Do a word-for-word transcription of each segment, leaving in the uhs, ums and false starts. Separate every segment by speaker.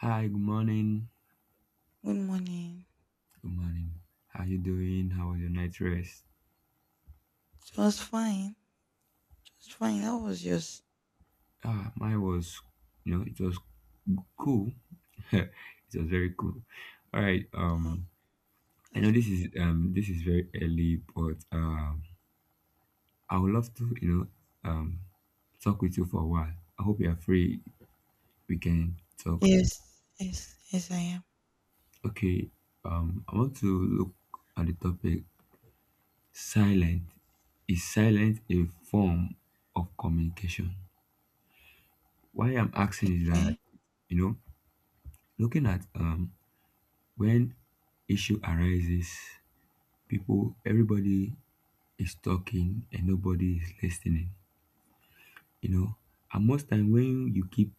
Speaker 1: Hi, good morning.
Speaker 2: Good morning.
Speaker 1: Good morning. How you doing? How was your night rest?
Speaker 2: It was fine. Just fine. That was just
Speaker 1: Ah, mine was, you know, it was cool. It was very cool. All right.
Speaker 2: oh,
Speaker 1: Um, I know
Speaker 2: that's
Speaker 1: this
Speaker 2: good.
Speaker 1: is um this is very early, but um, I would love to, you know, um, talk with you for a while. I hope you are free. We can talk.
Speaker 2: Yes, yes, yes, I am.
Speaker 1: Okay. Um, I want to look at the topic. Silent is silent a form of communication? Why I'm asking is that
Speaker 2: Okay.
Speaker 1: you know Looking at um, when issue arises, people, everybody is talking and nobody is listening. You know, and most time when you keep,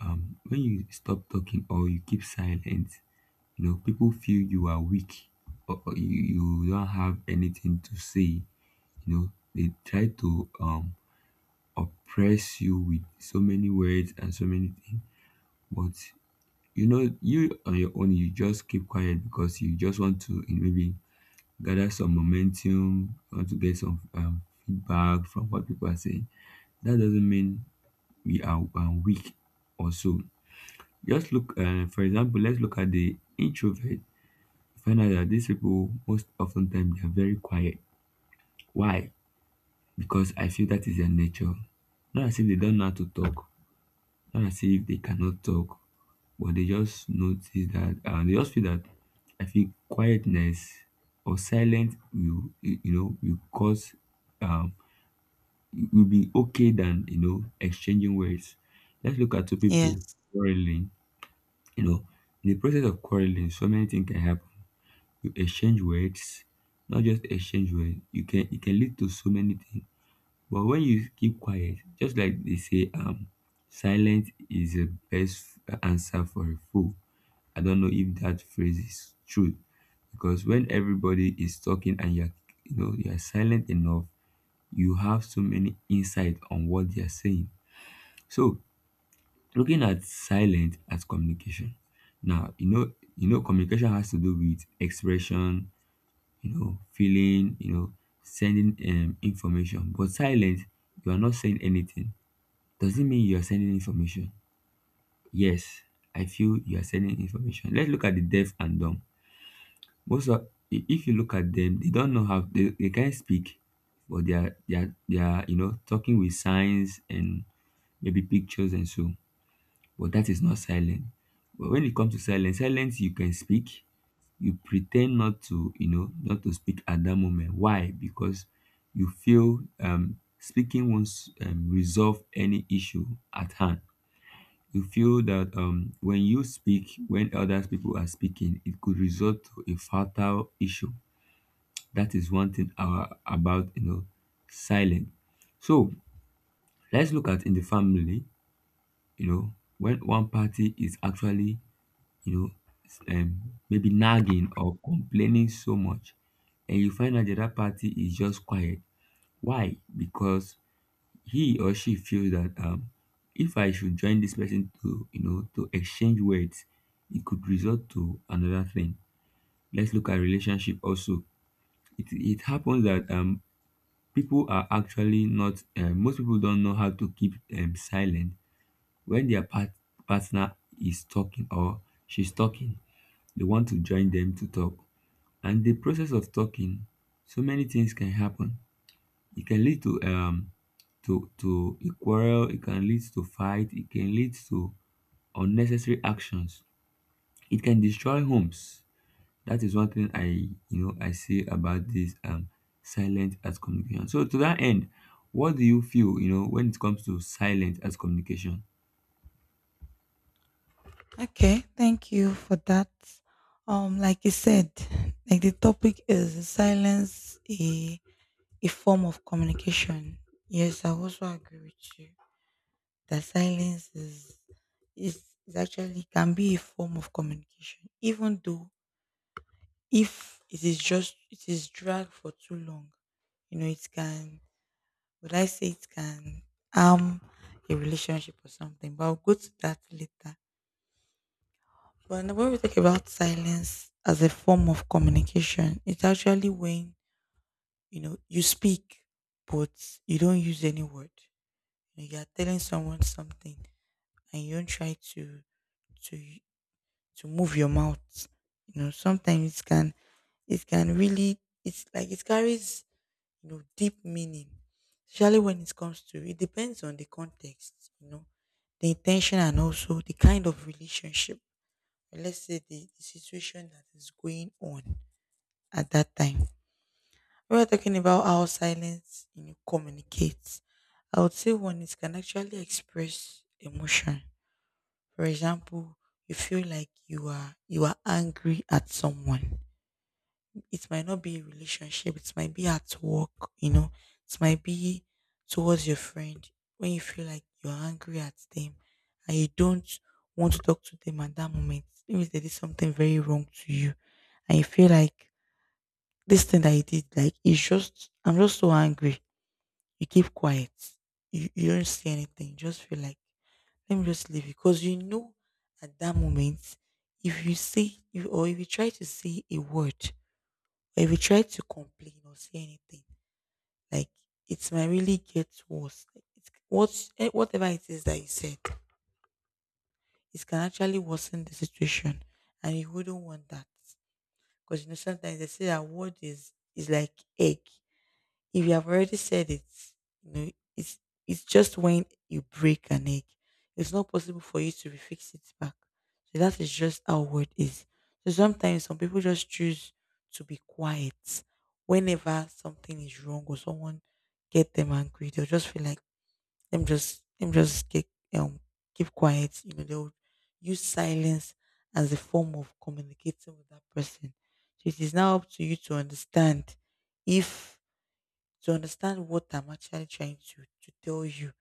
Speaker 1: um, when you stop talking or you keep silent, you know, people feel you are weak or, or you, you don't have anything to say. You know, they try to um oppress you with so many words and so many things, but you know you on your own you just keep quiet because you just want to you know, maybe gather some momentum, want to get some um, feedback from what people are saying. That doesn't mean we are um, weak or so. Just look, uh, for example, let's look at the introvert. Find out that these people, most often time, they are very quiet. Why? Because I feel that is their nature. Not as if they don't know how to talk, not as if they cannot talk, but they just notice that, uh, they just feel that I feel quietness or silence will, you you know, will cause um, it will be okay than you know exchanging words. Let's look at two people
Speaker 2: Yes.
Speaker 1: quarreling. You know, in the process of quarreling, so many things can happen. You exchange words, not just exchange words. You can it can lead to so many things. But when you keep quiet, just like they say, um, silence is the best answer for a fool. I don't know if that phrase is true because when everybody is talking and you're you know you're silent enough you have so many insight on what they are saying. So looking at silent as communication. Now you know you know communication has to do with expression, you know, feeling, you know, sending um, information. But silent, you are not saying anything. Does not mean you are sending information? Yes, I feel you are sending information. Let's look at the deaf and dumb. Most of i- if you look at them, they don't know how they, they can't speak, but they are they are they are you know talking with signs and maybe pictures and so, but that is not silent. But when it comes to silence, silence you can speak. You pretend not to, you know not to speak at that moment. Why? Because you feel um speaking won't um, resolve any issue at hand. You feel that um when you speak when other people are speaking, it could result to a fatal issue. That is one thing our, about you know silence. So let's look at in the family. You know, when one party is actually, you know, s- um, maybe nagging or complaining so much, and you find out the other party is just quiet. Why? Because he or she feels that um, if I should join this person to, you know, to exchange words, it could result to another thing. Let's look at relationship also. It, it happens that um, people are actually not, uh, most people don't know how to keep um, silent when their part- partner is talking or she's talking, they want to join them to talk. And the process of talking, so many things can happen. It can lead to um to to a quarrel. It can lead to fight. It can lead to unnecessary actions. It can destroy homes. That is one thing I you know I say about this um silent as communication. So to that end, what do you feel you know when it comes to silent as communication?
Speaker 2: Okay, thank you for that. Um, like you said, like the topic is silence a a form of communication. Yes, I also agree with you. That silence is is, is actually can be a form of communication, even though if it is just it is dragged for too long, you know it can, would I say it can harm a relationship or something? But I'll go to that later. But n- when we talk about silence as a form of communication, it's actually when you know you speak but you don't use any word. You know, you're telling someone something and you don't try to to y- to move your mouth. You know, sometimes it can, it can really, it's like it carries, you know, deep meaning, especially when it comes to, it depends on the context, you know, the intention and also the kind of relationship. Or let's say the, the situation that is going on at that time. We are talking about how silence, you know, communicates. I would say one, it can actually express emotion. For example, you feel like you are you are angry at someone. It might not be a relationship, it might be at work, you know, it might be towards your friend. When you feel like you're angry at them and you don't want to talk to them at that moment. Maybe they did something very wrong to you and you feel like this thing that you did, like it's just, I'm just so angry. You keep quiet. You you don't say anything. You just feel like let me just leave it, because you know at that moment if you say, if, or if you try to say a word, but if you try to complain or say anything, like it might really get worse. Like it's what, eh, whatever it is that you said, it can actually worsen the situation, and you wouldn't want that because you know sometimes they say that word is is like egg. If you have already said it, you know, it's it's just when you break an egg. It's not possible for you to refix it back. So that is just how word is. So sometimes some people just choose to be quiet whenever something is wrong or someone get them angry. They'll just feel like them just them just get um keep quiet. You know, they'll use silence as a form of communicating with that person. So it is now up to you to understand if to understand what I'm actually trying to, to tell you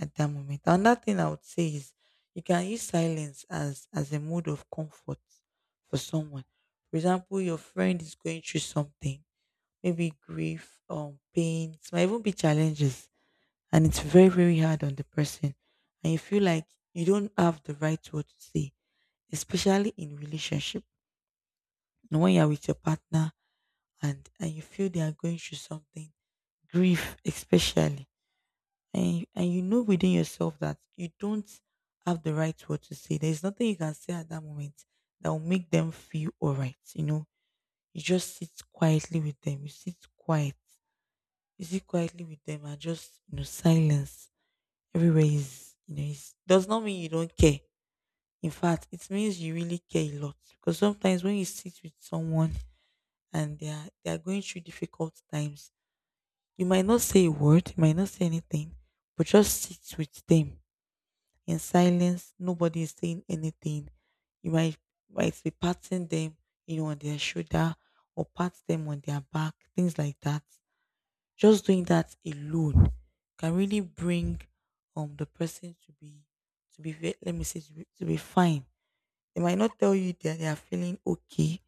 Speaker 2: at that moment. Another thing I would say is you can use silence as, as a mode of comfort for someone. For example, your friend is going through something, maybe grief or pain, it might even be challenges, and it's very, very hard on the person. And you feel like you don't have the right word to say, especially in relationship. And when you're with your partner and, and you feel they are going through something, grief especially, and and you know within yourself that you don't have the right word to say. There's nothing you can say at that moment that will make them feel all right. You know, you just sit quietly with them. You sit quiet. You sit quietly with them and just, you know, silence everywhere is, you know, is, does not mean you don't care. In fact, it means you really care a lot because sometimes when you sit with someone and they are they are going through difficult times, you might not say a word, you might not say anything, but just sit with them in silence. Nobody is saying anything. You might might be patting them, you know, on their shoulder, or pat them on their back, things like that. Just doing that alone can really bring um the person to be to be ve- let me say to be, to be fine. They might not tell you that they are feeling okay,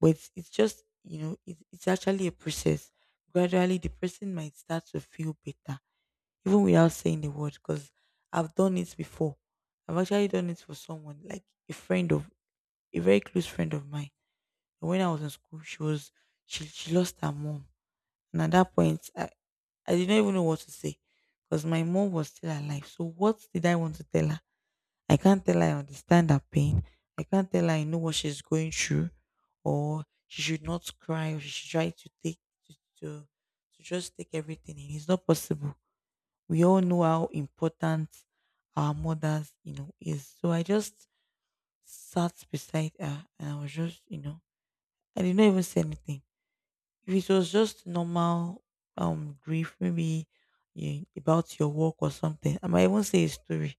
Speaker 2: but it's, it's just, you know it, it's actually a process. Gradually, the person might start to feel better even without saying the word because I've done it before. I've actually done it for someone, like a friend of a very close friend of mine. And when I was in school, she was, she she lost her mom, and at that point, I I didn't even know what to say because my mom was still alive. So what did I want to tell her? I can't tell her I understand her pain. I can't tell her I know what she's going through, or she should not cry, or she should try to take to to, to just take everything in. It's not possible. We all know how important our mothers, you know, is. So I just sat beside her and I was just, you know, I did not even say anything. If it was just normal um grief, maybe you, about your work or something, I might even say a story.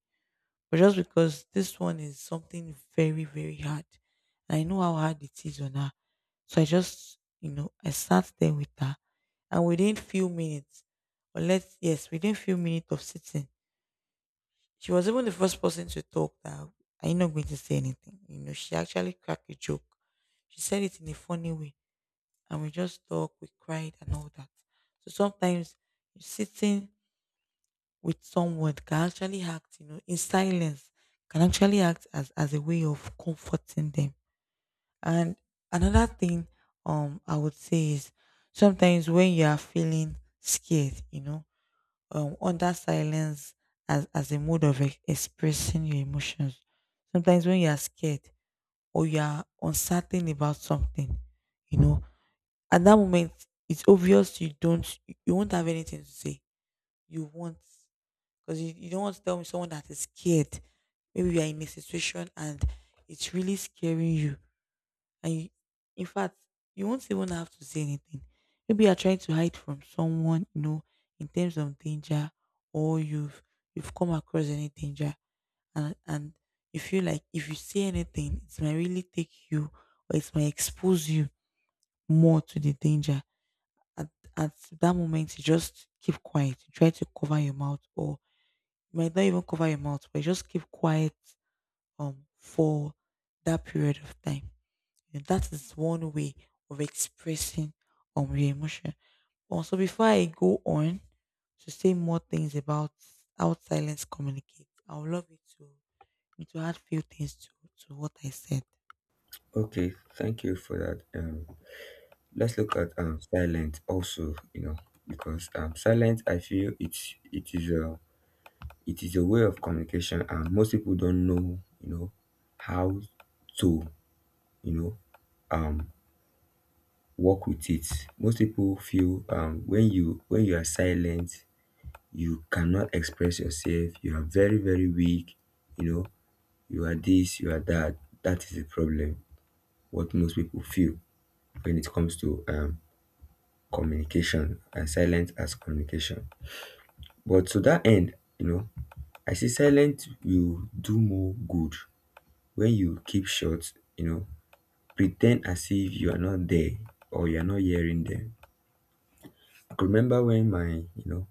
Speaker 2: But just because this one is something very, very hard. And I know how hard it is on her. So I just, you know, I sat there with her and within few minutes, or let's, yes, within few minutes of sitting, she was even the first person to talk. That, I'm not going to say anything. You know, she actually cracked a joke. She said it in a funny way. And we just talked, we cried and all that. So sometimes sitting with someone can actually act, you know, in silence, can actually act as, as a way of comforting them. And another thing um I would say is sometimes when you are feeling scared, you know, um, under silence as, as a mode of ex- expressing your emotions. Sometimes when you are scared or you are uncertain about something, you know, at that moment, it's obvious you don't, you won't have anything to say. You won't, because you, you don't want to tell me someone that is scared. Maybe you are in a situation and it's really scaring you and you, in fact, you won't even have to say anything. Maybe you are trying to hide from someone, you know, in terms of danger, or you've you've come across any danger, and and you feel like if you say anything, it might really take you or it might expose you more to the danger. At at that moment, you just keep quiet. You try to cover your mouth, or you might not even cover your mouth, but you just keep quiet um for that period of time. You know, that is one way of expressing um your emotion. Um, so before I go on to say more things about how silence communicates, I would love you to you to add few things to to what I said.
Speaker 1: For that, let's look at um silence also. You know because um silence I feel it's it is uh it um, most people don't know you know how to you know um work with it. Most people feel um when you when you are silent you cannot express yourself, you are very very weak, you know you are this you are that. That is the problem, what most people feel when it comes to um communication and silence as communication. But to that end, you know I say silent will do more good when you keep short, you know, pretend as if you are not there or you're not hearing them. I could remember when my, you know,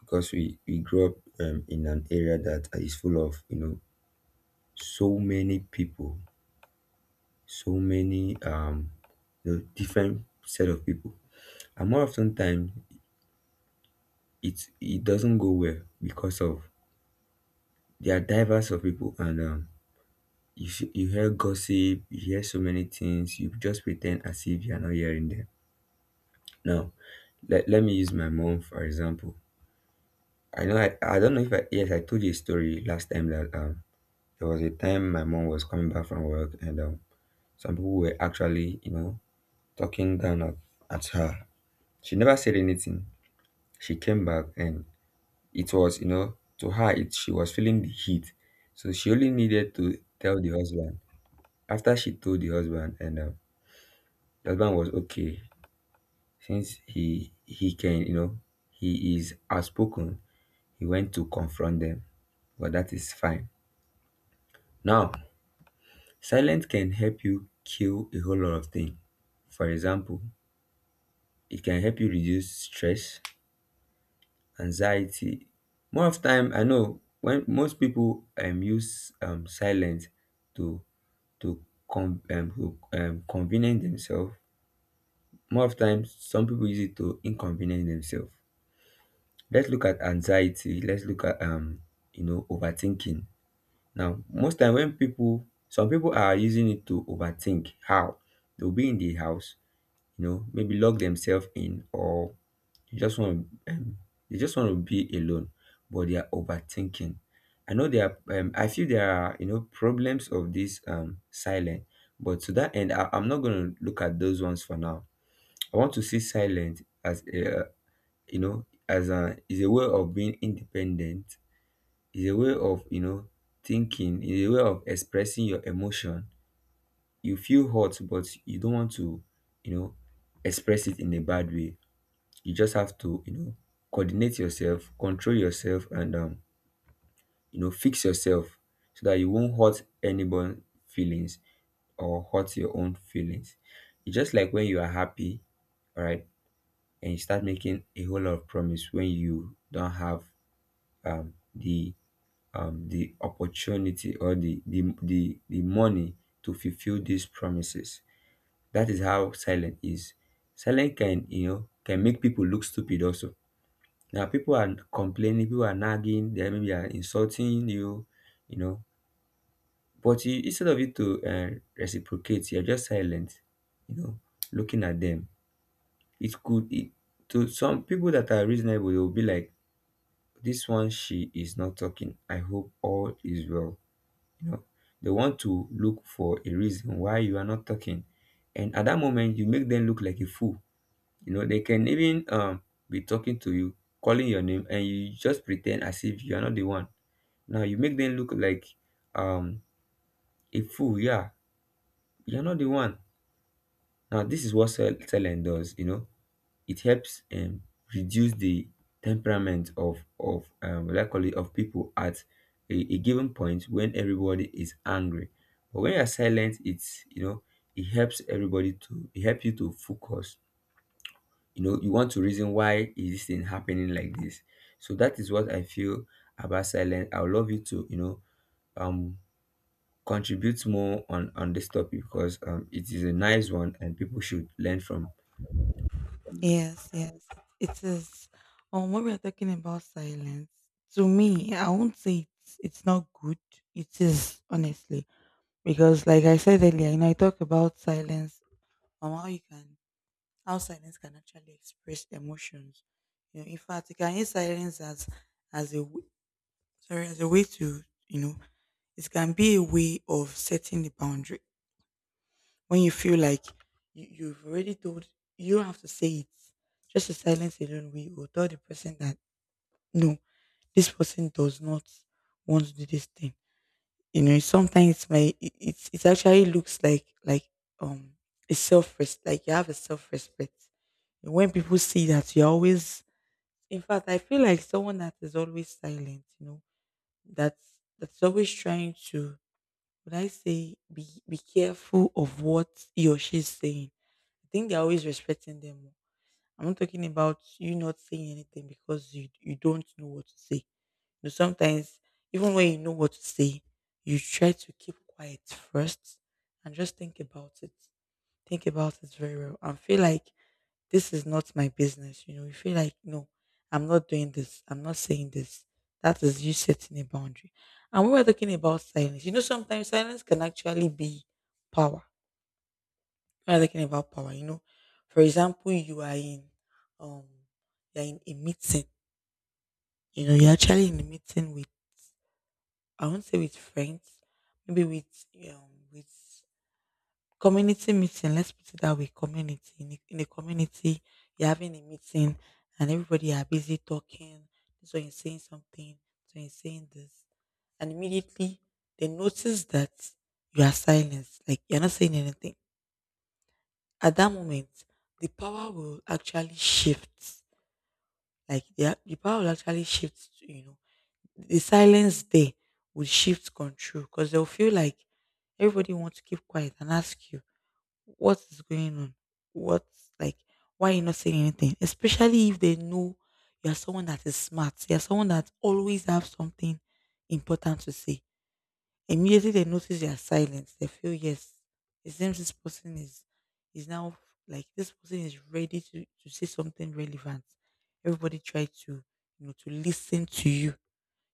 Speaker 1: because we, we grew up um, in an area that is full of, you know, so many people, so many, um, you know, different set of people. And more often time, it, it doesn't go well because of there are diverse of people. And um, You see, you hear gossip, you hear so many things, you just pretend as if you're not hearing them. Now, let, let me use my mom for example. I know I, I don't know if I, yes, I told you a story last time that um there was a time my mom was coming back from work and um some people were actually you know talking down at, at her. She never said anything. She came back and it was you know to her it she was feeling the heat, so she only needed to tell the husband. After she told the husband and um, the husband was okay. Since he he can, you know, he is outspoken, he went to confront them. But that is fine. Now, silence can help you kill a whole lot of things. For example, it can help you reduce stress, anxiety. More of time, I know when most people um use um silence to to con um, to um convenience themselves. More of time, some people use it to inconvenience themselves. Let's look at anxiety. Let's look at um you know overthinking. Now, most time when people, some people are using it to overthink how they'll be in the house, you know, maybe lock themselves in, or they just want to, um, they just want to be alone, but they are overthinking. I know there are, um, I feel there are, you know, problems of this um silent, but to that end, I, I'm not going to look at those ones for now. I want to see silent as a, you know, as a is a way of being independent, is a way of you know thinking, is a way of expressing your emotion. You feel hurt but you don't want to, you know express it in a bad way. You just have to, you know coordinate yourself, control yourself, and um you know fix yourself, so that you won't hurt anyone's feelings or hurt your own feelings. It's just like when you are happy, all right, and you start making a whole lot of promise when you don't have um the um, the opportunity or the, the the the money to fulfill these promises. That is how silent is. Silent can you know can make people look stupid also. Now people are complaining, people are nagging, they maybe are insulting you, you know. But you, instead of you to uh, reciprocate, you're just silent, you know, looking at them. It could it, to some people that are reasonable, they will be like, "This one, she is not talking. I hope all is well." You know, they want to look for a reason why you are not talking. And at that moment, you make them look like a fool. You know, they can even um, be talking to you, calling your name, and you just pretend as if you are not the one. Now you make them look like um, a fool. Yeah, you are not the one. Now this is what sell- talent does. You know, it helps um reduce the temperament of of um will of people at a, a given point when everybody is angry. But when you're silent, it's you know it helps everybody to it help you to focus. You know you want to reason why is this thing happening like this. So that is what I feel about silence. I would love you to, you know um contribute more on on this topic because um it is a nice one and people should learn from.
Speaker 2: Yes, yes, it is. Um, when we are talking about silence, to me, I won't say it's it's not good. It is honestly because, like I said earlier, you know, I talk about silence and how you can, how silence can actually express emotions. You know, in fact, you can use silence as, as a w- sorry, as a way to, you know, it can be a way of setting the boundary when you feel like you, you've already told, you don't have to say it. Just a silence alone will tell the person that no, this person does not want to do this thing. You know, sometimes my, it, it it actually looks like, like um a self res like you have a self respect when people see that you're always, in fact, I feel like someone that is always silent, you know, that's that's always trying to, would I say, be be careful of what he or she's saying. I think they're always respecting them more. I'm not talking about you not saying anything because you you don't know what to say. You know, sometimes even when you know what to say, you try to keep quiet first and just think about it. Think about it very well and feel like this is not my business. You know, you feel like, no, I'm not doing this. I'm not saying this. That is you setting a boundary. And we were talking about silence. You know, sometimes silence can actually be power. We're talking about power, you know, for example, you are in, um, you're in a meeting. You know, you're actually in a meeting with, I won't say with friends, maybe with, um, with community meeting, let's put it that way, community in a, in a community, you're having a meeting, and everybody are busy talking, this one is saying something, so you're saying this, and immediately they notice that you are silenced, like you're not saying anything. At that moment, the power will actually shift. Like the, the power will actually shift to, you know, the silence there will shift control, because they'll feel like everybody wants to keep quiet and ask you, what is going on? What, like, why are you not saying anything? Especially if they know you're someone that is smart, you're someone that always have something important to say. Immediately they notice your silence, they feel yes, it seems this person is is now, like, this person is ready to, to say something relevant. Everybody try to you know to listen to you.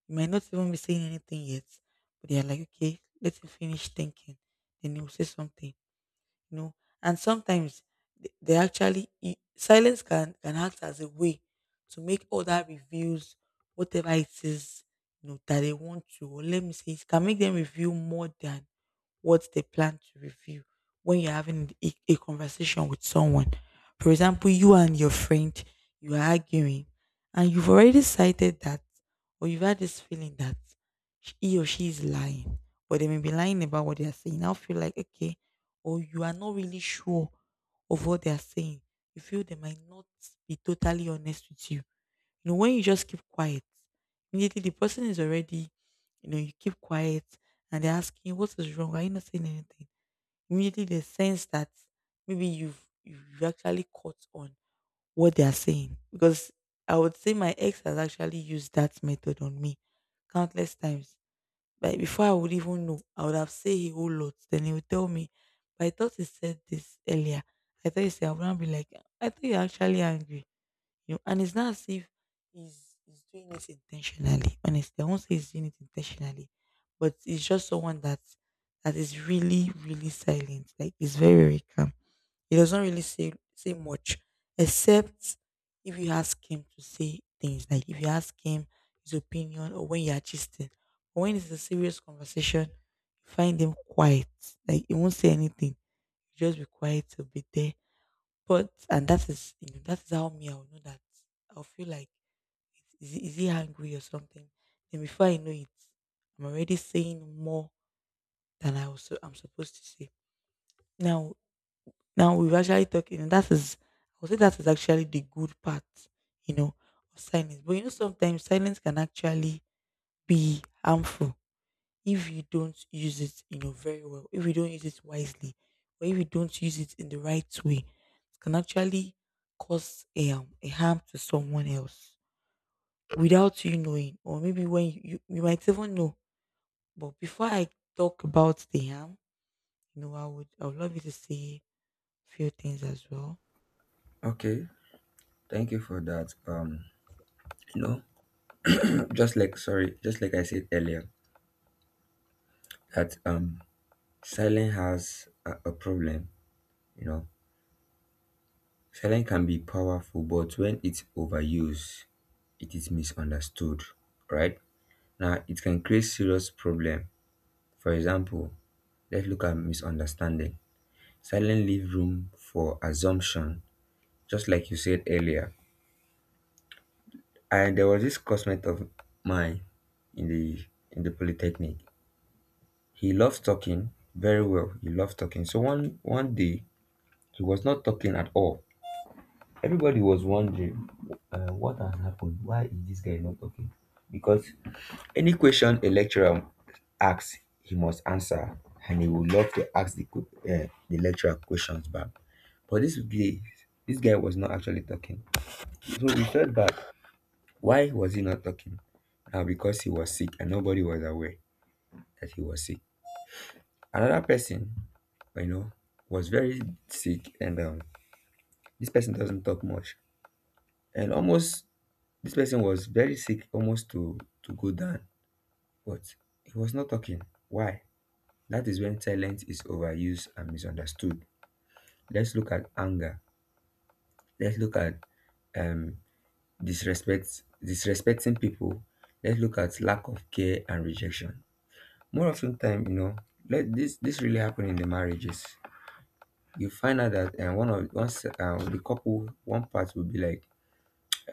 Speaker 2: You might not even be saying anything yet, but they are like, okay, let him finish thinking. Then he'll say something you know. And sometimes th- they actually i- silence can can act as a way to make other reviews, whatever it is, you know, that they want to. Or let me say, it can make them review more than what they plan to review when you're having a, a conversation with someone. For example, you and your friend, you are arguing, and you've already cited that, or you've had this feeling that sh- he or she is lying, or they may be lying about what they are saying. I feel like, okay, or you are not really sure of what they are saying. You feel they might not be totally honest with you. You know, when you just keep quiet, immediately the person is already, you know, you keep quiet, and they're asking, what is wrong? Are you not saying anything? Immediately they sense that maybe you've, you've actually caught on what they are saying. Because I would say my ex has actually used that method on me countless times. But before I would even know, I would have said a whole lot. Then he would tell me, but I thought he said this earlier. I thought he said, I wouldn't be like, I thought you're actually angry, you know, and it's not as if he's, he's doing it intentionally. Honestly, I won't say he's doing it intentionally, but it's just someone that that is really, really silent. Like he's very, very calm. He doesn't really say say much, except if you ask him to say things. Like if you ask him his opinion, or when you are gisting. But when it's a serious conversation, you find him quiet. Like he won't say anything. He'll just be quiet. He'll be there, but and that is, you know, that is how me I'll know that, I'll feel like, is he, is he angry or something? Then before I know it, I'm already saying more than I was I'm supposed to say. Now now we were actually talking, and that is, I would say that is actually the good part, you know, of silence. But you know, sometimes silence can actually be harmful if you don't use it, you know, very well, if you don't use it wisely, or if you don't use it in the right way, it can actually cause a, um, a harm to someone else without you knowing, or maybe when you, you, you might even know. But before I talk about the harm, you know, I would I would love you to say a few things as well.
Speaker 1: Okay, thank you for that. Um, you know just like sorry just like I said earlier that um silence has a, a problem. You know, silence can be powerful, but when it's overused, it is misunderstood, right? Now it can create serious problem. For example, let's look at misunderstanding. Silence leave room for assumption, just like you said earlier. And there was this classmate of mine in the in the polytechnic. He loves talking very well, he loves talking. So one one day he was not talking at all. Everybody was wondering, uh, what has happened? Why is this guy not talking? Because any question a lecturer asks, he must answer, and he would love to ask the que- uh, the lecturer questions back. But this guy, this guy was not actually talking. So we felt bad. Why was he not talking? Now, because he was sick and nobody was aware that he was sick. Another person, you know, was very sick, and um, this person doesn't talk much, and almost this person was very sick, almost to to go down, but he was not talking. Why? That is when silence is overused and misunderstood. Let's look at anger. Let's look at um disrespect disrespecting people. Let's look at lack of care and rejection. More often time, you know, let this this really happen in the marriages. You find out that and one of once um, the couple, one part will be like,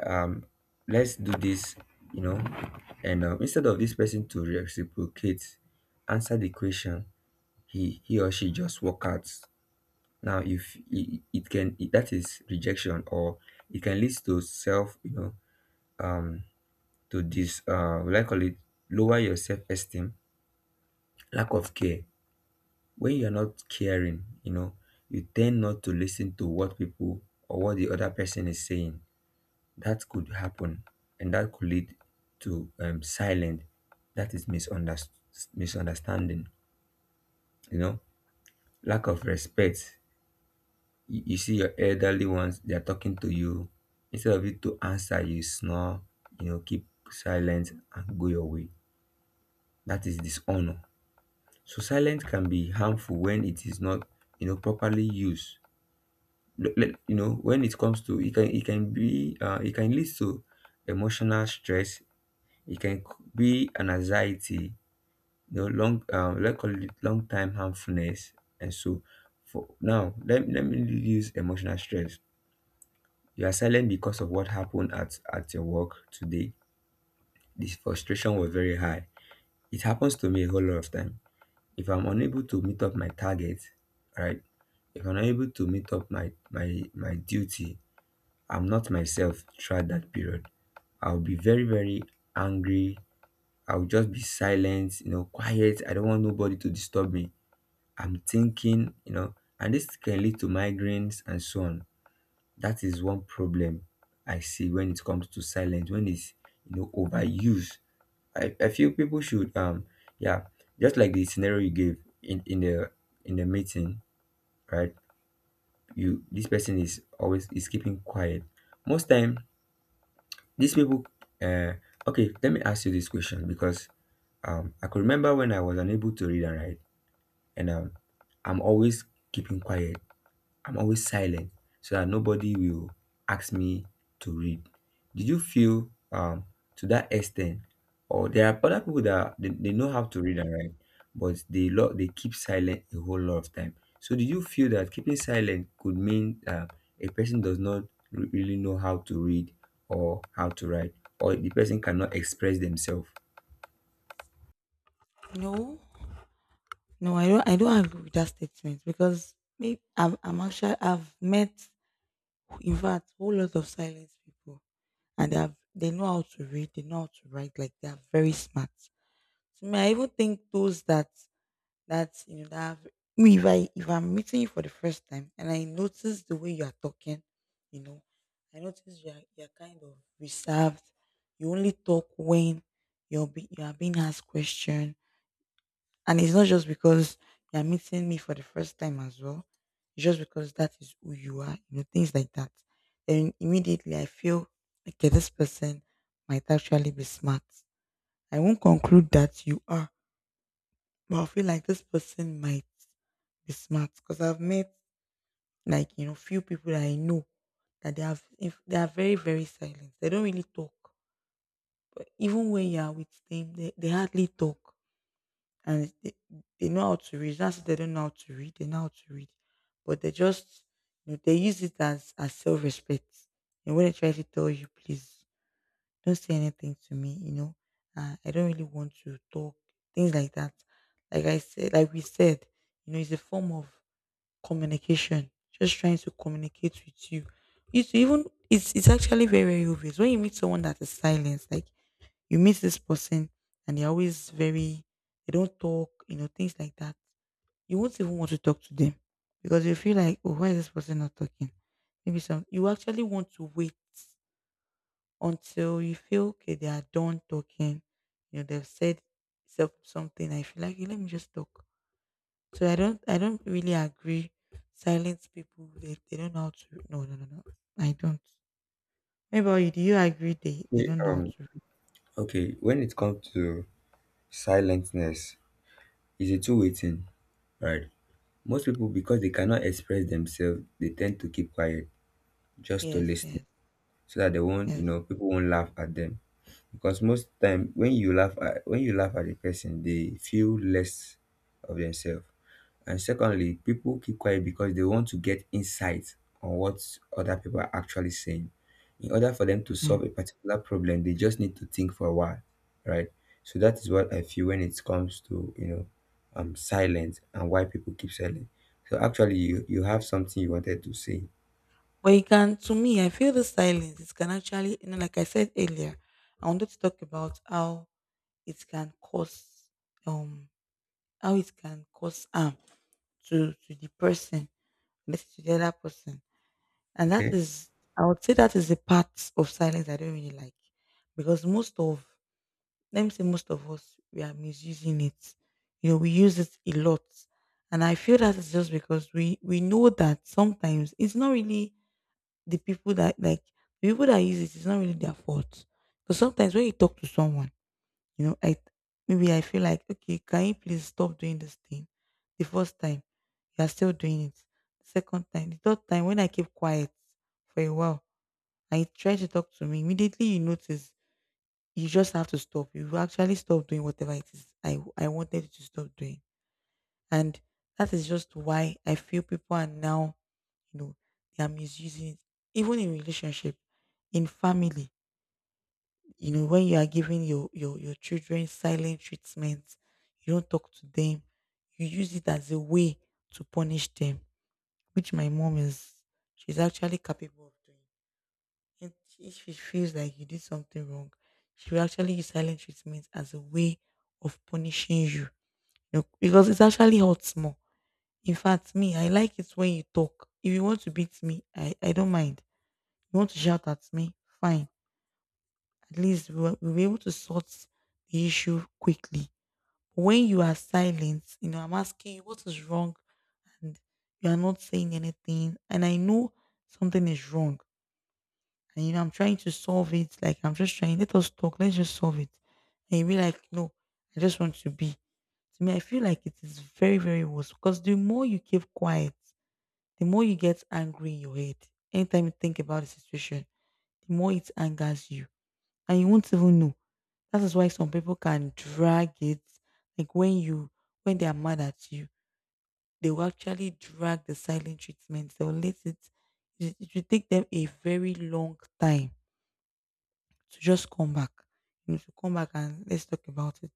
Speaker 1: um let's do this, you know. And um, instead of this person to reciprocate, answer the question, he he or she just walk out. Now if it, it can it, that is rejection, or it can lead to self, you know, um to this, uh will I call it, lower your self-esteem. Lack of care: when you're not caring, you know, you tend not to listen to what people or what the other person is saying. That could happen, and that could lead to um, silent, that is misunderst- misunderstanding, you know. Lack of respect: you, you see your elderly ones, they are talking to you, instead of you to answer, you snore, you know, keep silent and go your way. That is dishonor. So silence can be harmful when it is not, you know, properly used. L- l- you know, when it comes to it can it can be, uh, it can lead to emotional stress. It can c- be an anxiety, you know, long um let's call it long time harmfulness. And so for now, let, let me use emotional stress. You are silent because of what happened at, at your work today. This frustration was very high. It happens to me a whole lot of time. If I'm unable to meet up my target, right? If I'm unable to meet up my my my duty, I'm not myself throughout that period. I'll be very, very angry. I will just be silent, you know, quiet. I don't want nobody to disturb me. I'm thinking, you know, and this can lead to migraines and so on. That is one problem I see when it comes to silence, when it's, you know, overused. I, I feel people should, um, yeah, just like the scenario you gave in, in the in the meeting, right? You this person is always is keeping quiet. Most time, these people, uh, okay. Let me ask you this question, because um, I could remember when I was unable to read and write. And um, I'm always keeping quiet. I'm always silent so that nobody will ask me to read. Did you feel, um, to that extent? Or there are other people that they, they know how to read and write, but they lo- they keep silent a whole lot of time. So did you feel that keeping silent could mean, uh, a person does not re- really know how to read or how to write, or the person cannot express themselves?
Speaker 2: No, no, I don't I don't agree with that statement, because maybe I'm, I'm actually I've met, in fact, whole lot of silence people, and they have they know how to read, they know how to write, like they are very smart. So me, I even think those that that you know that have, me if I if I'm meeting you for the first time and I notice the way you are talking, you know, I notice you are you're kind of reserved. You only talk when you're be, you are being asked question. And it's not just because you're meeting me for the first time as well. It's just because that is who you are, you know, things like that. Then immediately I feel, okay, this person might actually be smart. I won't conclude that you are, but I feel like this person might be smart, because I've met, like, you know, few people that I know that they have, if they are very, very silent. They don't really talk. Even when you are with them, they, they hardly talk. And they, they know how to read. That's they don't know how to read. They know how to read, but they just, you know, they use it as as self respect. And when they try to tell you, please don't say anything to me. You know, uh, I don't really want to talk, things like that. Like I said, like we said, you know, it's a form of communication. Just trying to communicate with you. It's even it's it's actually very very obvious when you meet someone that is silent, like you meet this person and they're always very, they don't talk, you know, things like that. You won't even want to talk to them, because you feel like, oh, why is this person not talking? Maybe some, you actually want to wait until you feel, okay, they are done talking. You know, they've said self- something. I feel like, "Okay, let me just talk." So I don't, I don't really agree. Silence people, they, they don't know how to, no, no, no, no. I don't. Maybe you, do you agree they, they
Speaker 1: Okay,
Speaker 2: don't know how
Speaker 1: um,
Speaker 2: to read?
Speaker 1: okay. When it comes to silentness, it's a two-way thing, right? Most people, because they cannot express themselves, they tend to keep quiet just to
Speaker 2: Yes,
Speaker 1: listen
Speaker 2: yes,
Speaker 1: so that they won't, you
Speaker 2: yes.
Speaker 1: know, people won't laugh at them. Because most time when you laugh at when you laugh at a person, they feel less of themselves. And secondly, people keep quiet because they want to get insight on what other people are actually saying. In order for them to solve a particular problem, they just need to think for a while, right? So that is what I feel when it comes to, you know, um, silence and why people keep silent. So actually, you you have something you wanted to say.
Speaker 2: But it can, to me, I feel the silence. It can actually, you know, like I said earlier, I wanted to talk about how it can cause, um, how it can cause harm to to the person, let's say to the other person, and that
Speaker 1: Okay,
Speaker 2: is, I would say that is the part of silence I don't really like, because most of, let me say, most of us we are misusing it. You know, we use it a lot, and I feel that is just because we we know that sometimes it's not really the people that like the people that use it, it's not really their fault. But sometimes when you talk to someone, you know, I maybe I feel like, okay, can you please stop doing this thing? The first time, you are still doing it. The second time, the third time, when I keep quiet for a while and you try to talk to me, immediately you notice you just have to stop. You will actually stop doing whatever it is I I wanted you to stop doing. And that is just why I feel people are now, you know, they are misusing it. Even in relationship, in family, you know, when you are giving your your your children silent treatment, you don't talk to them, you use it as a way to punish them, which my mom is she's actually capable of doing. And if she feels like you did something wrong, she will actually use silent treatment as a way of punishing you. You know, because it actually hurts more, in fact, me, I like it when you talk. If you want to beat me, I, I don't mind. You want to shout at me, fine. At least we were, we were able to sort the issue quickly. When you are silent, you know, I'm asking you what is wrong, and you are not saying anything. And I know something is wrong. And, you know, I'm trying to solve it. Like, I'm just trying, let us talk, let's just solve it. And you be like, no, I just want to be. To me, I feel like it is very, very worse, because the more you keep quiet, the more you get angry in your head, anytime you think about the situation, the more it angers you. And you won't even know. That is why some people can drag it. Like when you when they are mad at you, they will actually drag the silent treatment. They will let it it, it will take them a very long time to just come back. You know, to come back and let's talk about it.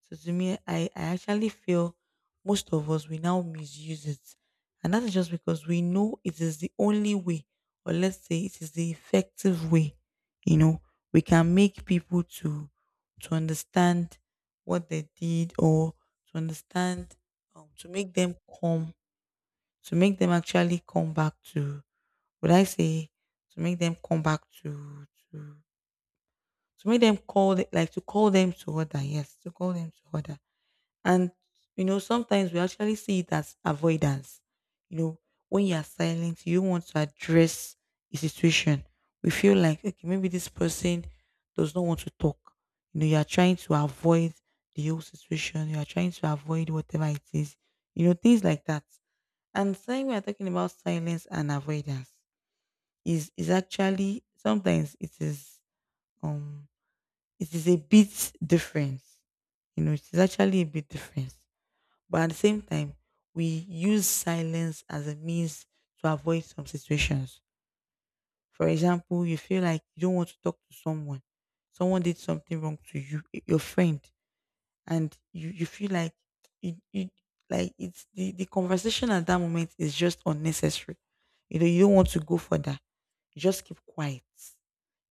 Speaker 2: So to me, I, I actually feel most of us we now misuse it. And that is just because we know it is the only way, or let's say it is the effective way, you know, we can make people to to understand what they did, or to understand, um, to make them come, to make them actually come back to, would I say, to make them come back to to to make them call the- like to call them to order, yes, to call them to order, and you know, sometimes we actually see it as avoidance. You know, when you are silent, you don't want to address a situation. We feel like, okay, maybe this person does not want to talk. You know, you are trying to avoid the whole situation. You are trying to avoid whatever it is. You know, things like that. And saying we are talking about silence and avoidance is is actually sometimes it is um it is a bit different. You know, it is actually a bit different. But at the same time, we use silence as a means to avoid some situations. For example, you feel like you don't want to talk to someone. Someone did something wrong to you, y- your friend, and you, you feel like you, you like it's the, the conversation at that moment is just unnecessary. You know, you don't want to go further. You just keep quiet.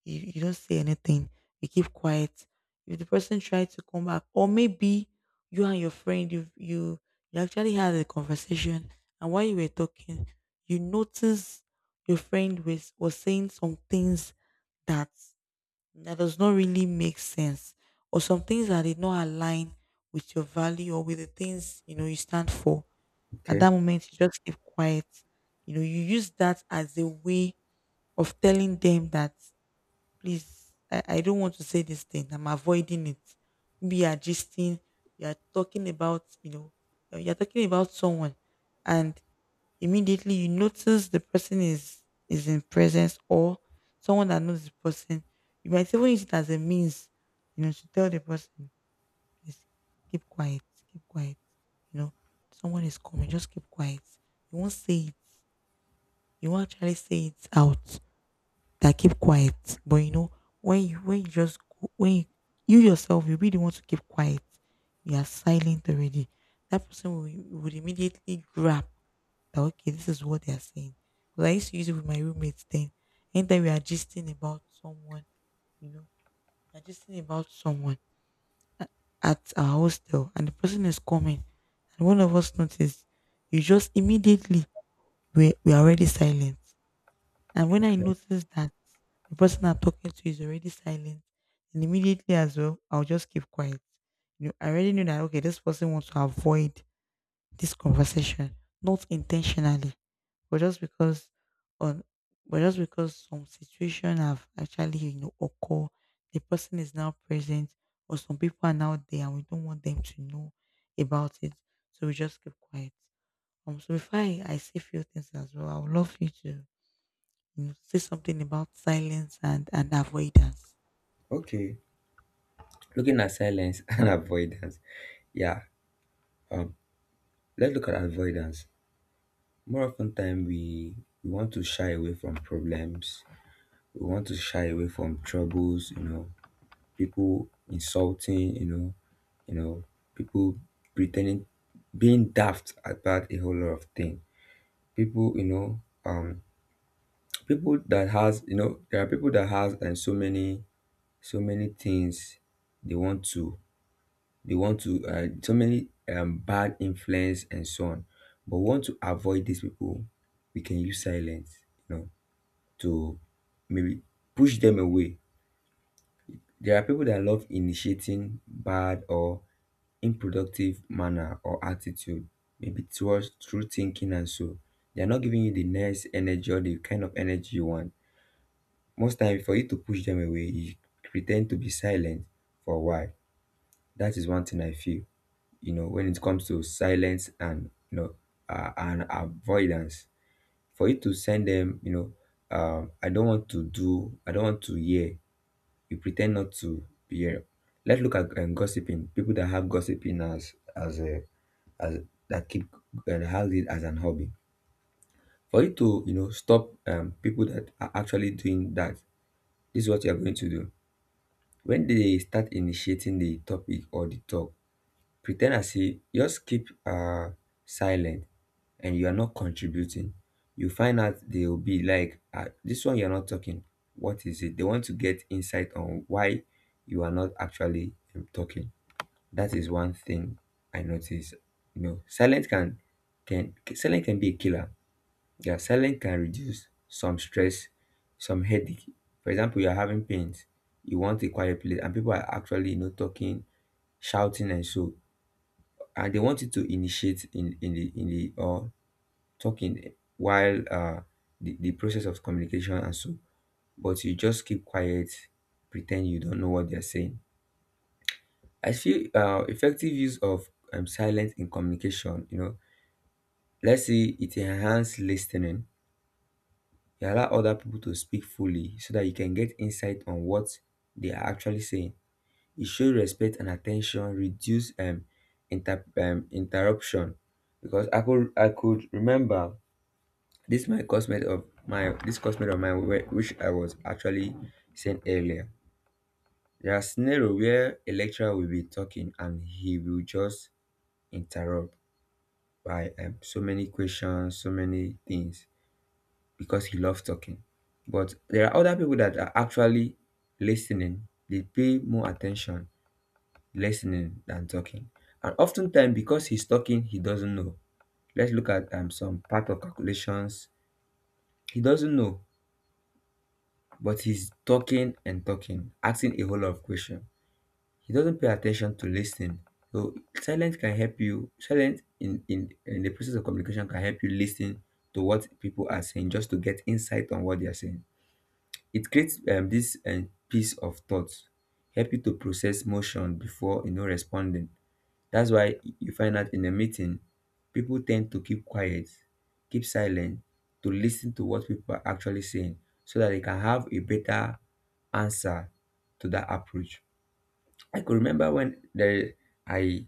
Speaker 2: You, you don't say anything. You keep quiet. If the person tries to come back, or maybe you and your friend, you you you actually had a conversation, and while you were talking, you notice your friend was was saying some things that that does not really make sense, or some things that did not align with your value or with the things you know you stand for. At
Speaker 1: okay,
Speaker 2: that moment, you just keep quiet. You know, you use that as a way of telling them that please, I, I don't want to say this thing. I'm avoiding it. Maybe you're gisting, you're talking about, you know, uh, you're talking about someone and immediately you notice the person is is in presence or someone that knows the person. You might even use it as a means, you know, to tell the person, please keep quiet, keep quiet. You know, someone is coming, just keep quiet. You won't say it. You won't actually say it out that keep quiet. But you know, when you when you just go- when you, you yourself you really want to keep quiet, you are silent already. That person will, would immediately grab that okay, this is what they are saying. Because I used to use it with my roommates then. Anytime we are gisting about someone, you know, we are gisting about someone at our hostel and the person is coming and one of us noticed, you just immediately we we are already silent. And when I notice that the person I'm talking to is already silent, and immediately as well, I'll just keep quiet. You know, I already know that okay, this person wants to avoid this conversation, not intentionally, but just because on but just because some situation have actually, you know, occur, the person is now present, or some people are now there and we don't want them to know about it. So we just keep quiet. Um so before I, I say few things as well, I would love you to you say something about silence and, and avoidance.
Speaker 1: okay. Looking at silence and avoidance. Yeah. Um, let's look at avoidance. More often time, we we want to shy away from problems. We want to shy away from troubles, you know, people insulting, you know, you know, people pretending, being daft about a whole lot of things. People, you know, um people that has you know there are people that has, and so many, so many things they want to, They want to uh, so many, um, bad influence and so on. But we want to avoid these people. We can use silence, you know, to maybe push them away. There are people that love initiating bad or unproductive manner or attitude, maybe towards through thinking and so. They are not giving you the nice energy or the kind of energy you want. Most time, for you to push them away, you pretend to be silent for a while. That is one thing I feel. You know, when it comes to silence and, you know uh, and avoidance, for you to send them, you know, um, I don't want to do, I don't want to hear. You pretend not to hear. Let's look at, um, gossiping. People that have gossiping as as a, as that keep and has it as an hobby. For you to, you know, stop, um, people that are actually doing that, this is what you are going to do. When they start initiating the topic or the talk, pre as if, just keep, uh silent, and you are not contributing. You find out they will be like, ah, this one you're not talking. What is it? They want to get insight on why you are not actually, um, talking. That is one thing I notice. You know, silence can can silence can be a killer. Yeah, silence can reduce some stress, some headache. For example, you are having pains, you want a quiet place, and people are actually, you know, talking, shouting, and so, and they want you to initiate in, in the in the or talking, while, uh the, the process of communication and so. But you just keep quiet, pretend you don't know what they're saying. I feel, uh effective use of, um, silence in communication, you know, let's say it enhance listening. You allow other people to speak fully so that you can get insight on what they are actually saying. It show respect and attention, reduce, um, inter- um interruption, because i could I could remember This my cosmate of my this cosmate of mine, whe- which I was actually saying earlier. There are scenario where a lecturer will be talking, and he will just interrupt by, um, so many questions, so many things, because he loves talking. But there are other people that are actually listening. They pay more attention listening than talking. And oftentimes because he's talking, he doesn't know. Let's look at, um, some part of calculations. He doesn't know. But he's talking and talking, asking a whole lot of questions. He doesn't pay attention to listening. So silence can help you. Silence in, in in the process of communication can help you listen to what people are saying, just to get insight on what they are saying. It creates, um, this, um, piece of thought, help you to process motion before, you know, responding. That's why you find out in a meeting, people tend to keep quiet, keep silent, to listen to what people are actually saying so that they can have a better answer to that approach. I could remember when there, I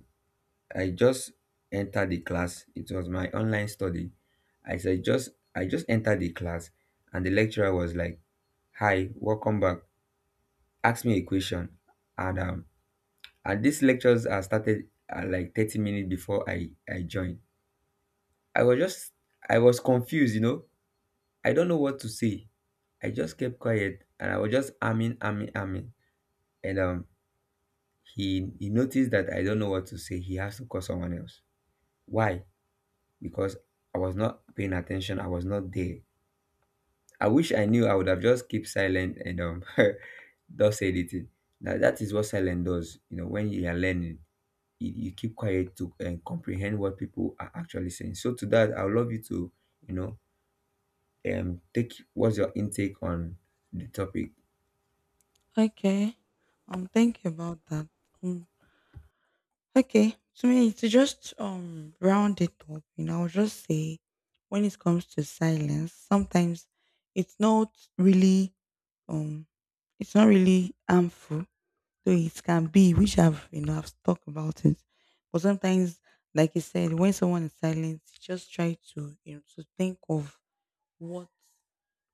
Speaker 1: I just entered the class. It was my online study. I said just I just entered the class, and the lecturer was like, "Hi, welcome back. Ask me a question." And um and these lectures are started at like thirty minutes before I, I joined. I was just I was confused, you know. I don't know what to say. I just kept quiet and I was just arming, arming, arming. And um he he noticed that I don't know what to say. He has to call someone else. Why? Because I was not paying attention. I was not there. I wish I knew I would have just kept silent and um not said anything. Now that is what silence does. You know, when you are learning, you, you keep quiet to, uh, comprehend what people are actually saying. So to that, I would love you to, you know, um take what's your intake on the topic.
Speaker 2: Okay. Um, thank you about that. Um, okay. To me, to just um round it up, you know, I'll just say when it comes to silence, sometimes it's not really um it's not really harmful, though it can be, which I've you know I've talked about it. But sometimes, like you said, when someone is silent, just try to you know to think of what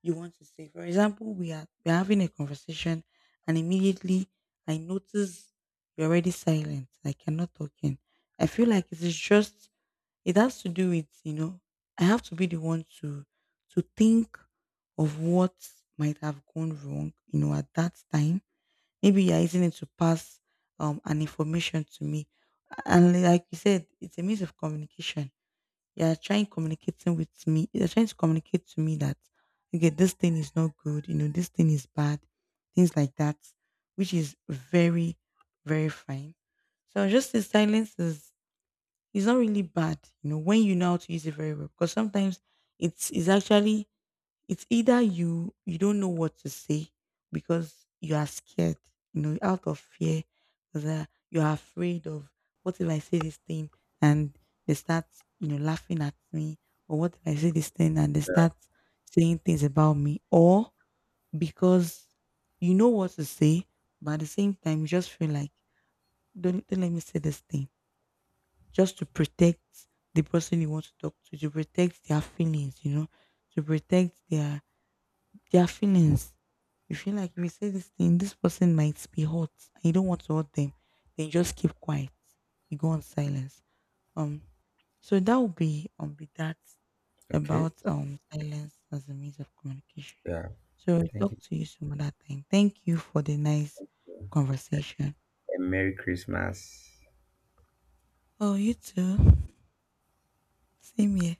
Speaker 2: you want to say. For example, we are we're having a conversation and immediately I notice you're already silent, like you're not talking. I feel like it is just it has to do with, you know, I have to be the one to to think of what might have gone wrong, you know, at that time. Maybe you're using it to pass um an information to me. And like you said, it's a means of communication you're trying communicating with me. You're trying to communicate to me that okay, this thing is not good. You know, this thing is bad. Things like that, which is very, very fine. So just the silence is is not really bad. You know, when you know how to use it very well, because sometimes it's is actually it's either you you don't know what to say because you are scared, you know, out of fear, because uh, you are afraid of what if I say this thing and they start, you know, laughing at me, or what if I say this thing and they start saying things about me, or because you know what to say, but at the same time, you just feel like don't, don't let me say this thing just to protect the person you want to talk to, to protect their feelings, you know, to protect their their feelings. You feel like if you say this thing, this person might be hot and you don't want to hurt them, then you just keep quiet. You go on silence. Um so that would be um be that
Speaker 1: Okay.
Speaker 2: about um silence as a means of communication.
Speaker 1: Yeah,
Speaker 2: So I'll
Speaker 1: thank
Speaker 2: talk
Speaker 1: you.
Speaker 2: to you some other time. Thank you for the nice
Speaker 1: And,
Speaker 2: conversation.
Speaker 1: and merry Christmas.
Speaker 2: Oh, you too. Same here.